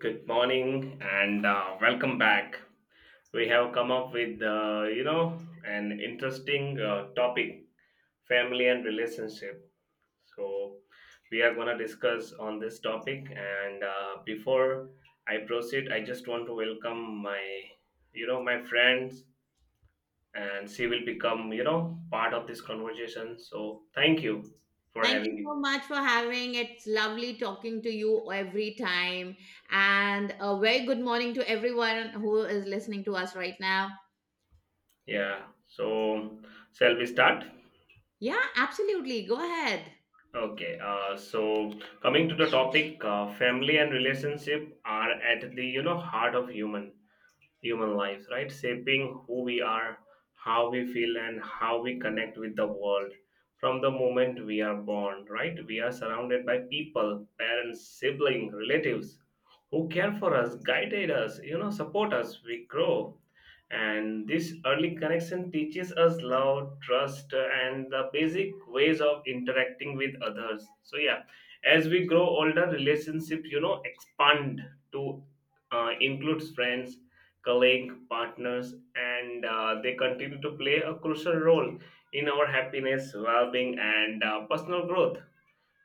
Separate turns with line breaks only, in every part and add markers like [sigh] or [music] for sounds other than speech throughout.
Good morning and welcome back. We have come up with, an interesting topic, family and relationship. So we are going to discuss on this topic. And before I proceed, I just want to welcome my, my friends, and she will become, part of this conversation. So thank you for
Thank
having
you
me.
so much for having. It's lovely talking to you every time. And a very good morning to everyone who is listening to us right now.
Yeah. So shall we start?
Yeah, absolutely. Go ahead.
Okay, so coming to the topic, family and relationship are at the heart of human lives, right? Shaping who we are, how we feel, and how we connect with the world. From the moment we are born, right? We are surrounded by people, parents, siblings, relatives who care for us, guided us, you know, support us. We grow. And this early connection teaches us love, trust, and the basic ways of interacting with others. So, yeah, as we grow older, relationships, you know, expand to includes friends, colleague, partners, and they continue to play a crucial role in our happiness, well-being, and personal growth.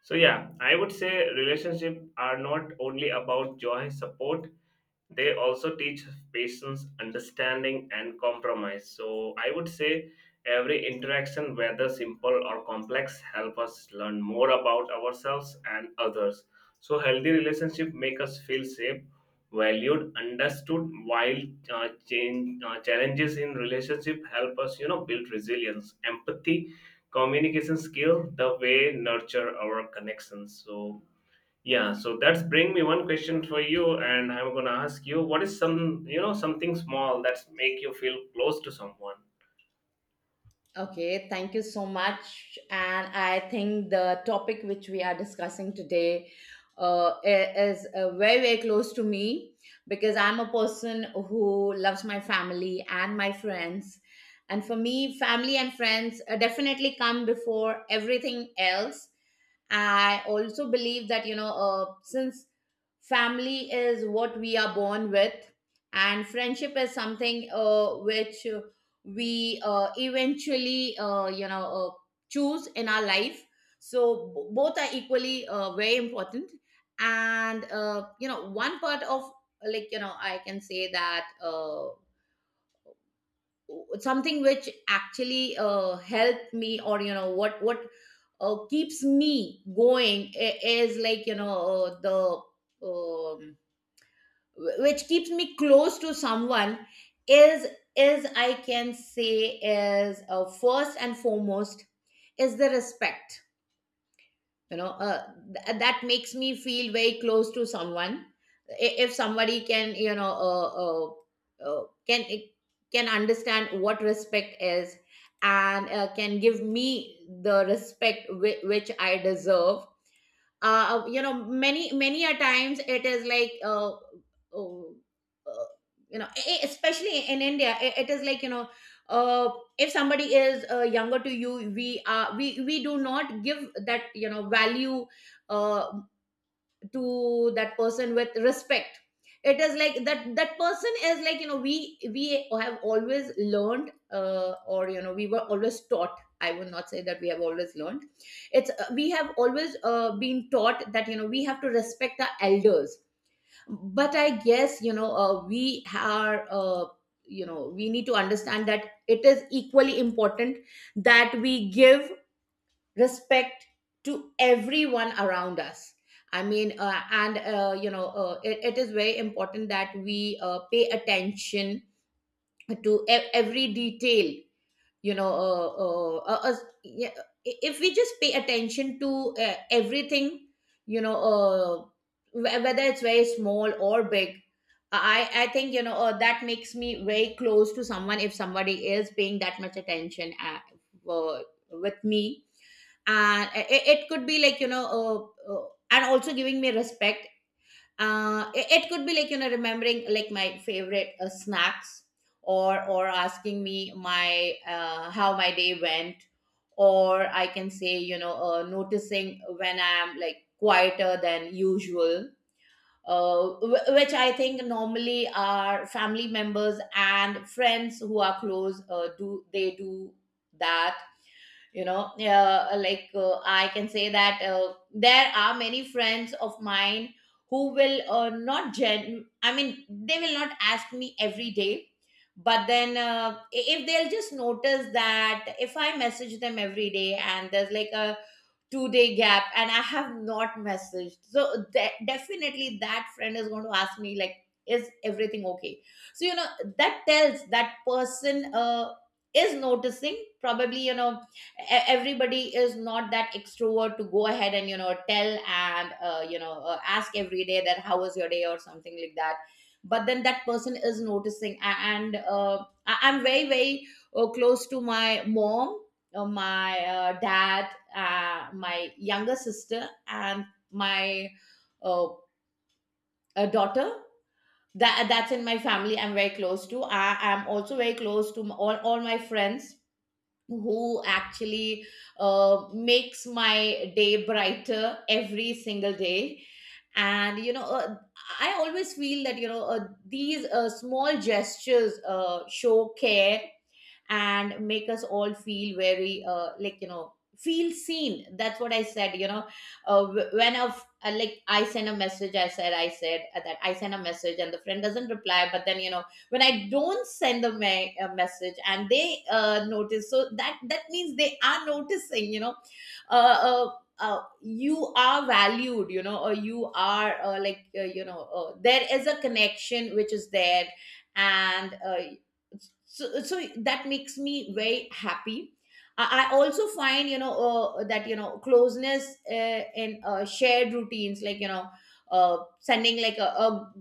So yeah, I would say relationships are not only about joy, support, they also teach patience, understanding, and compromise. So I would say every interaction, whether simple or complex, help us learn more about ourselves and others. So healthy relationship make us feel safe, valued, understood, while change challenges in relationship help us, build resilience, empathy, communication skill, the way nurture our connections. So yeah, so that's bring me one question for you, and I'm gonna ask you, what is some, something small that's make you feel close to someone?
Okay, thank you so much. And I think the topic which we are discussing today uh, i- is very, very close to me because I'm a person who loves my family and my friends. And for me, family and friends definitely come before everything else. I also believe that, since family is what we are born with, and friendship is something which we eventually, choose in our life. So both are equally very important. And one part of, I can say that something which actually helped me, or what keeps me going, is like, you know the which keeps me close to someone is, I can say, is first and foremost, is the respect. you know uh, that makes me feel very close to someone. If somebody can, can understand what respect is, and can give me the respect which I deserve. You know, many a times it is like, oh, uh you know, especially in India, it is like, you know, uh if somebody is younger to you, we are, we do not give that, you know, value uh to that person with respect. It is like that, that person is like, you know, we have always learned, or, you know, we were always taught. I would not say that we have always learned. It's, we have always been taught that, you know, we have to respect our elders. But I guess, you know, we are, we need to understand that it is equally important, that we give respect to everyone around us. I mean, and you know it, is very important that we pay attention to every detail, you know. Yeah, if we just pay attention to everything, you know, whether it's very small or big, I think, you know, that makes me very close to someone if somebody is paying that much attention uh, with me. And it, could be like, you know, and also giving me respect. It, could be like, you know, remembering, like, my favorite snacks, or asking me my how my day went, or I can say, you know, noticing when I'm, like, quieter than usual, which I think normally our family members and friends who are close do, they do that. You know, I can say that there are many friends of mine who will not gen I mean, they will not ask me every day, but then if they'll just notice that if I message them every day and there's like a 2-day gap and I have not messaged, so definitely that friend is going to ask me, like, is everything okay? So, you know, that tells that person is noticing. Probably, you know, everybody is not that extrovert to go ahead and, you know, tell and, ask every day that how was your day, or something like that. But then that person is noticing. And I'm very, very close to my mom, my dad, my younger sister, and my uh, daughter. That, that's in my family I'm very close to. I am also very close to all my friends who actually makes my day brighter every single day. And, you know, I always feel that, you know, these small gestures show care and make us all feel very, feel seen. That's what I said, you know, like, I send a message, I said that I send a message and the friend doesn't reply, but then, you know, when I don't send them a message and they notice, so that, that means they are noticing, you know, uh, uh, you are valued, you know, or you are, there is a connection which is there. And so that makes me very happy. I also find, you know, that, you know, closeness, in shared routines, like, you know, sending, like, a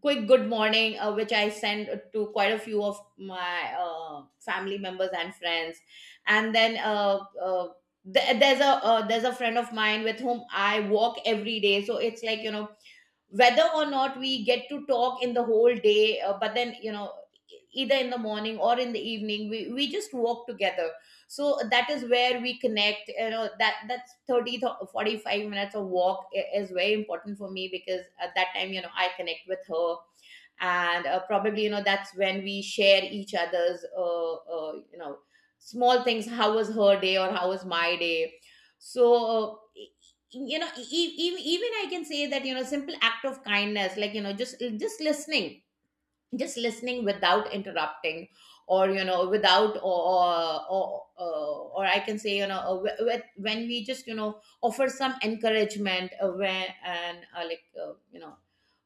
quick good morning, which I send to quite a few of my family members and friends. And then uh, there's a, there's a friend of mine with whom I walk every day. So it's like, you know, whether or not we get to talk in the whole day, but then, you know, either in the morning or in the evening, we just walk together. So that is where we connect, you know. That, that's 30 to 45 minutes of walk is very important for me, because at that time, you know, I connect with her, and probably, you know, that's when we share each other's small things, how was her day or how was my day. So you know, even I can say that, you know, simple act of kindness, like, you know, just listening. Just listening without interrupting, or you know, without, or I can say, you know, when we just, you know, offer some encouragement, where and like uh, you know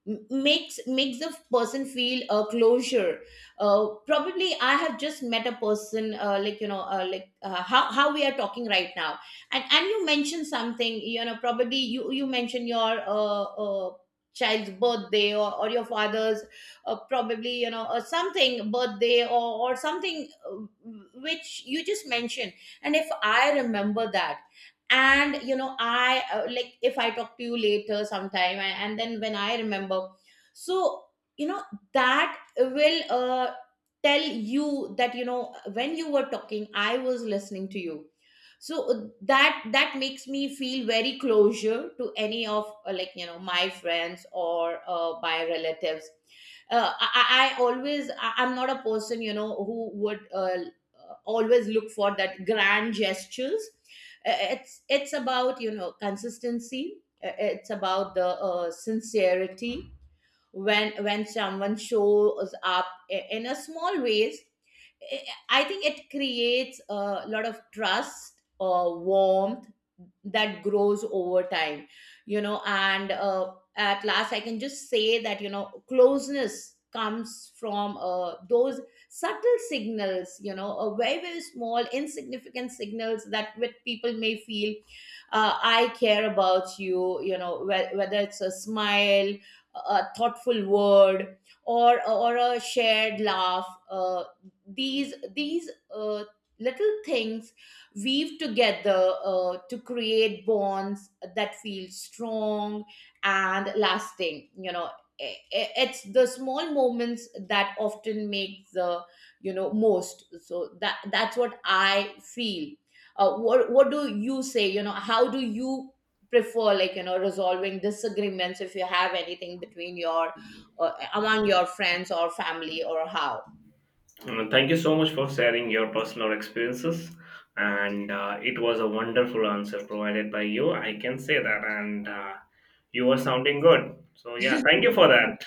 m- makes the person feel a closure. Probably I have just met a person, how we are talking right now. And you mentioned something, you know, probably you mentioned your child's birthday, or your father's, probably, you know, something birthday, or something, which you just mentioned. And if I remember that, and, you know, I like, if I talk to you later sometime, and then when I remember, so, you know, that will tell you that, you know, when you were talking, I was listening to you. So that, that makes me feel very closure to any of, my friends or my relatives. I'm not a person, you know, who would always look for that grand gestures. It's about, you know, consistency. It's about the sincerity, when someone shows up in a small ways. I think it creates a lot of trust or warmth that grows over time, you know. And at last, I can just say that, you know, closeness comes from those subtle signals, you know, a very, very small, insignificant signals, that with people may feel I care about you, you know, whether it's a smile, a thoughtful word, or a shared laugh. These little things weave together to create bonds that feel strong and lasting, you know. It's the small moments that often make the, you know, most. So that's what I feel. What, do you say, you know, how do you prefer, like, you know, resolving disagreements, if you have anything between your among your friends or family, or how?
Mm. Thank you so much for sharing your personal experiences, and it was a wonderful answer provided by you. I can say that, and you were sounding good. So yeah, thank you for
[laughs]
that.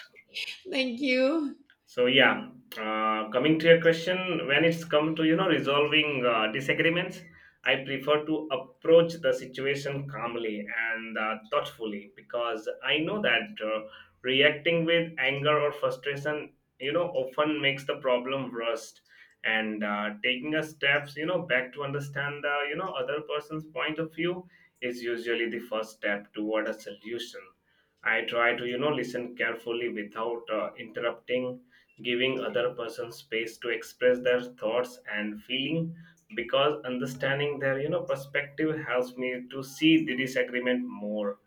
Thank you.
So yeah, coming to your question, when it's come to resolving disagreements, I prefer to approach the situation calmly and thoughtfully, because I know that reacting with anger or frustration, you know, often makes the problem worse. And taking a steps, you know, back to understand the other person's point of view is usually the first step toward a solution. I try to listen carefully without interrupting, giving other person space to express their thoughts and feeling, because understanding their, perspective helps me to see the disagreement more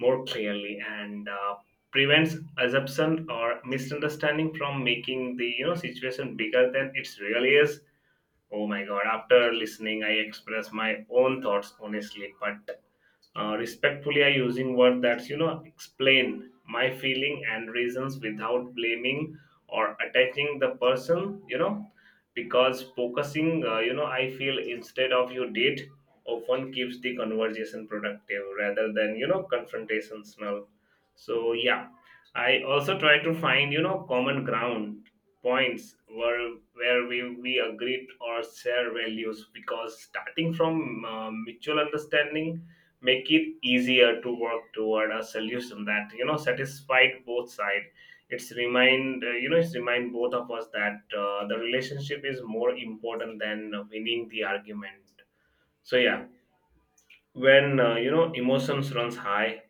more clearly, and prevents assumption or misunderstanding from making the, situation bigger than it really is. Oh my god, after listening, I express my own thoughts honestly, but respectfully, I using word that's, explain my feeling and reasons without blaming or attacking the person. You know, because focusing, you know, I feel instead of you did, often keeps the conversation productive rather than, confrontational. So yeah, I also try to find, common ground, points where we agreed or share values, because starting from mutual understanding make it easier to work toward a solution that, satisfied both sides. It's remind, you know it's remind both of us that the relationship is more important than winning the argument. So yeah, when you know, emotions runs high,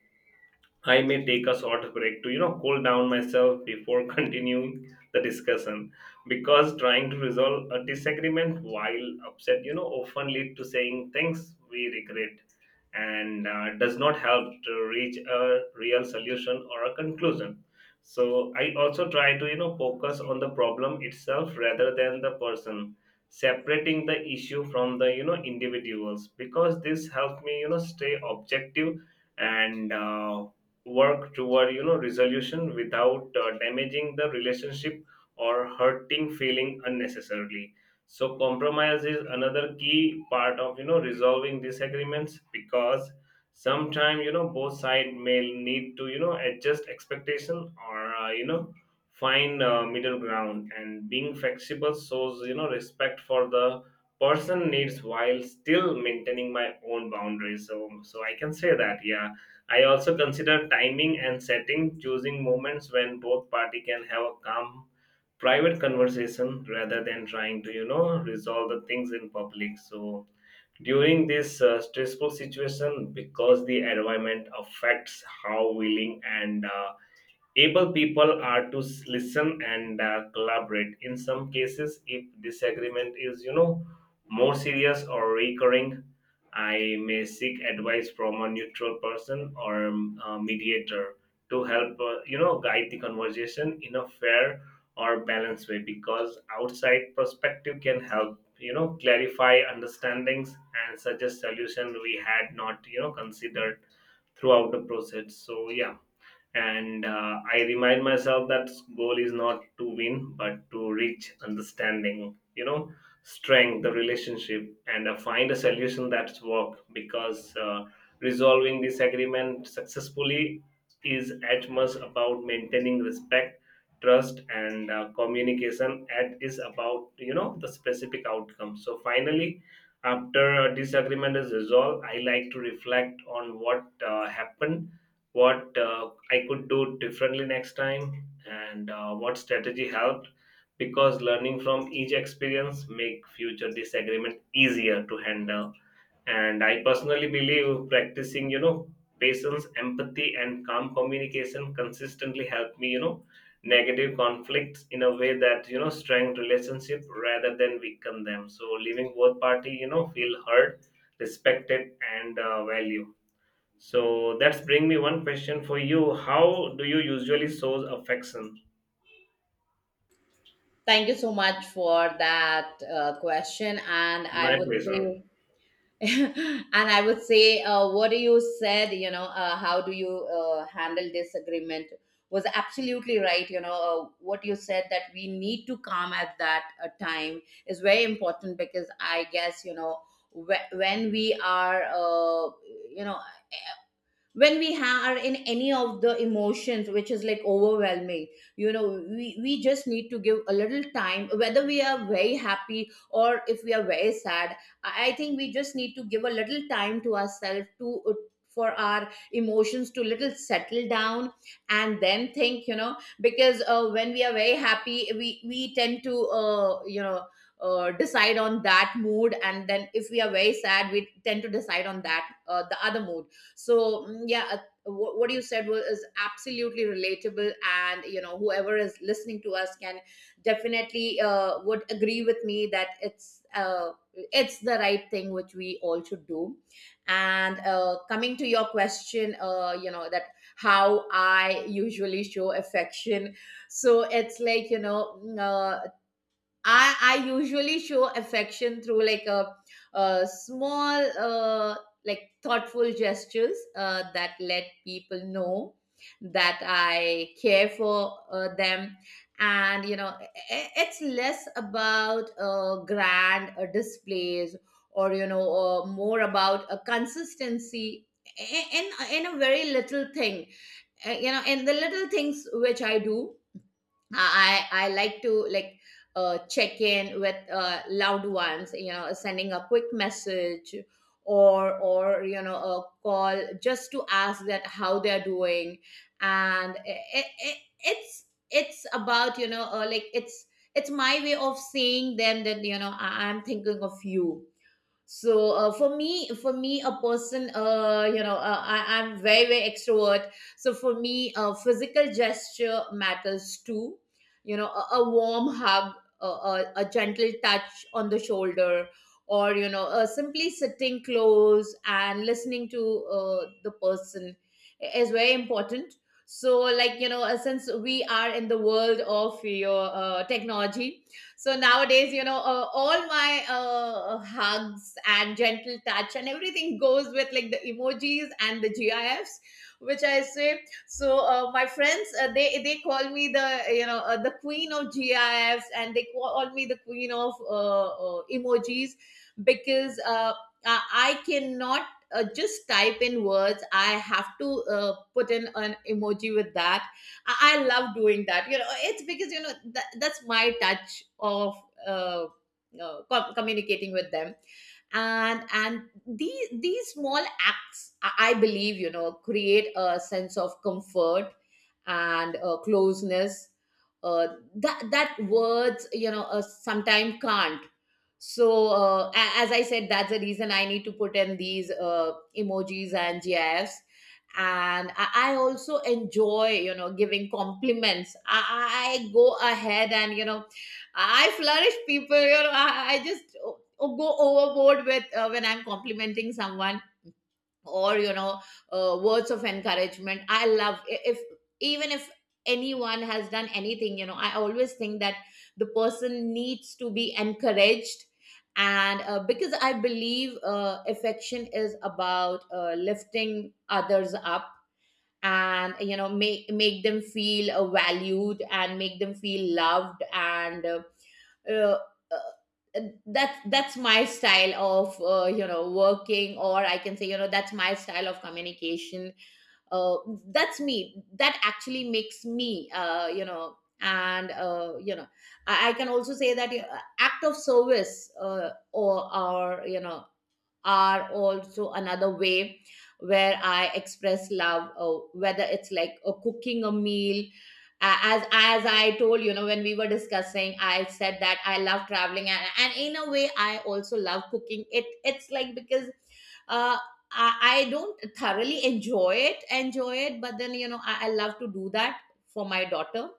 I may take a short break to, you know, cool down myself before [laughs] continuing the discussion, because trying to resolve a disagreement while upset, you know, often lead to saying things we regret and does not help to reach a real solution or a conclusion. So I also try to, you know, focus on the problem itself rather than the person, separating the issue from the, you know, individuals, because this helps me, you know, stay objective and work toward, resolution without damaging the relationship or hurting feeling unnecessarily. So compromise is another key part of, resolving disagreements, because sometimes, you know, both sides may need to, adjust expectation or, find middle ground, and being flexible shows, respect for the person needs while still maintaining my own boundaries. So so I can say that, yeah, I also consider timing and setting, choosing moments when both party can have a calm, private conversation rather than trying to, resolve the things in public, so during this stressful situation, because the environment affects how willing and able people are to listen and collaborate. In some cases, if disagreement is, more serious or recurring, I may seek advice from a neutral person or a mediator to help, guide the conversation in a fair or balanced way, because outside perspective can help, clarify understandings and suggest solution we had not, considered throughout the process. So yeah, and I remind myself that goal is not to win but to reach understanding, you know, strength the relationship and find a solution that's work, because resolving disagreement successfully is as much about maintaining respect, trust, and communication as is about, the specific outcome. So finally, after a disagreement is resolved, I like to reflect on what happened, what I could do differently next time, and what strategy helped, because learning from each experience make future disagreement easier to handle. And I personally believe practicing, patience, empathy, and calm communication consistently help me, negative conflicts in a way that, strengthen relationship rather than weaken them, so leaving both party, feel heard, respected, and valued. So that's bring me one question for you. How do you usually show affection?
Thank you so much for that question. And I
My
would
pleasure.
say, [laughs] and I would say, what you said, you know, how do you handle disagreement was absolutely right. You know, what you said that we need to calm at that time is very important because I guess, you know, when we are, you know, when we are in any of the emotions which is like overwhelming, you know, we just need to give a little time whether we are very happy or if we are very sad. I think we just need to give a little time to ourselves to for our emotions to little settle down and then think, you know, because when we are very happy, we tend to decide on that mood, and then if we are very sad, we tend to decide on that the other mood. So yeah, what you said was is absolutely relatable, and you know whoever is listening to us can definitely, would agree with me that it's the right thing which we all should do. And coming to your question, you know, that how I usually show affection. So it's like, you know, I usually show affection through like a small like thoughtful gestures that let people know that I care for them. And you know, it's less about grand displays, or you know, more about a consistency i- in in a very little thing. You know, in the little things which I do, I like to, like, check in with loved ones, you know, sending a quick message or you know, a call just to ask that how they're doing. And it's about, you know, like it's my way of seeing them that, you know, I, I'm thinking of you. So for me a person, you know, I, I'm very, very extrovert, so for me, physical gesture matters too. You know, a warm hug, a gentle touch on the shoulder, or you know, simply sitting close and listening to the person is very important. So like, you know, since we are in the world of your technology, so nowadays, you know, all my hugs and gentle touch and everything goes with like the emojis and the gifs which I say. So my friends, they call me the, you know, the queen of gifs, and they call me the queen of emojis, because I cannot just type in words. I have to put in an emoji with that. I love doing that. You know, it's because, you know, that, that's my touch of uh, communicating with them. And these small acts, I believe, you know, create a sense of comfort and closeness uh, that, that words, you know, sometimes can't. So as I said, that's the reason I need to put in these emojis and gifs. And I also enjoy, you know, giving compliments. I go ahead and, you know, I flourish people, you know. I just go overboard with, when I'm complimenting someone or, you know, words of encouragement. I love, if even if anyone has done anything, you know, I always think that the person needs to be encouraged. And because I believe affection is about lifting others up, and you know, make them feel valued and make them feel loved. And uh, that's my style of, you know, working, or I can say, you know, that's my style of communication. uh, that's me, that actually makes me, you know. And you know, I can also say that act of service, or you know, are also another way where I express love. Whether it's like cooking a meal. As I told you, know when we were discussing, I said that I love traveling, and in a way I also love cooking. It, it's like because uh, I don't thoroughly enjoy it, but then, you know, I love to do that for my daughter.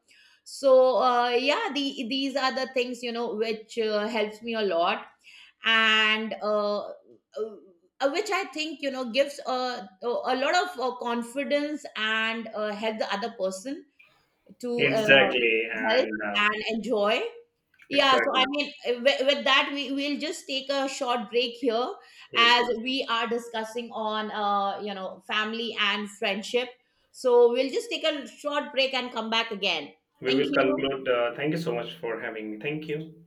So yeah, the, these are the things, you know, which helps me a lot. And which I think, you know, gives a, a lot of confidence and help the other person to
Exactly,
help
and
and enjoy. Yeah, so I
exactly.
mean, with that, we will just take a short break here
Yes,
as
yes.
we are discussing on, you know, family and friendship. So we'll just take a short break and come back again.
We
Thank
will
you.
conclude. Thank you so much for having me. Thank you.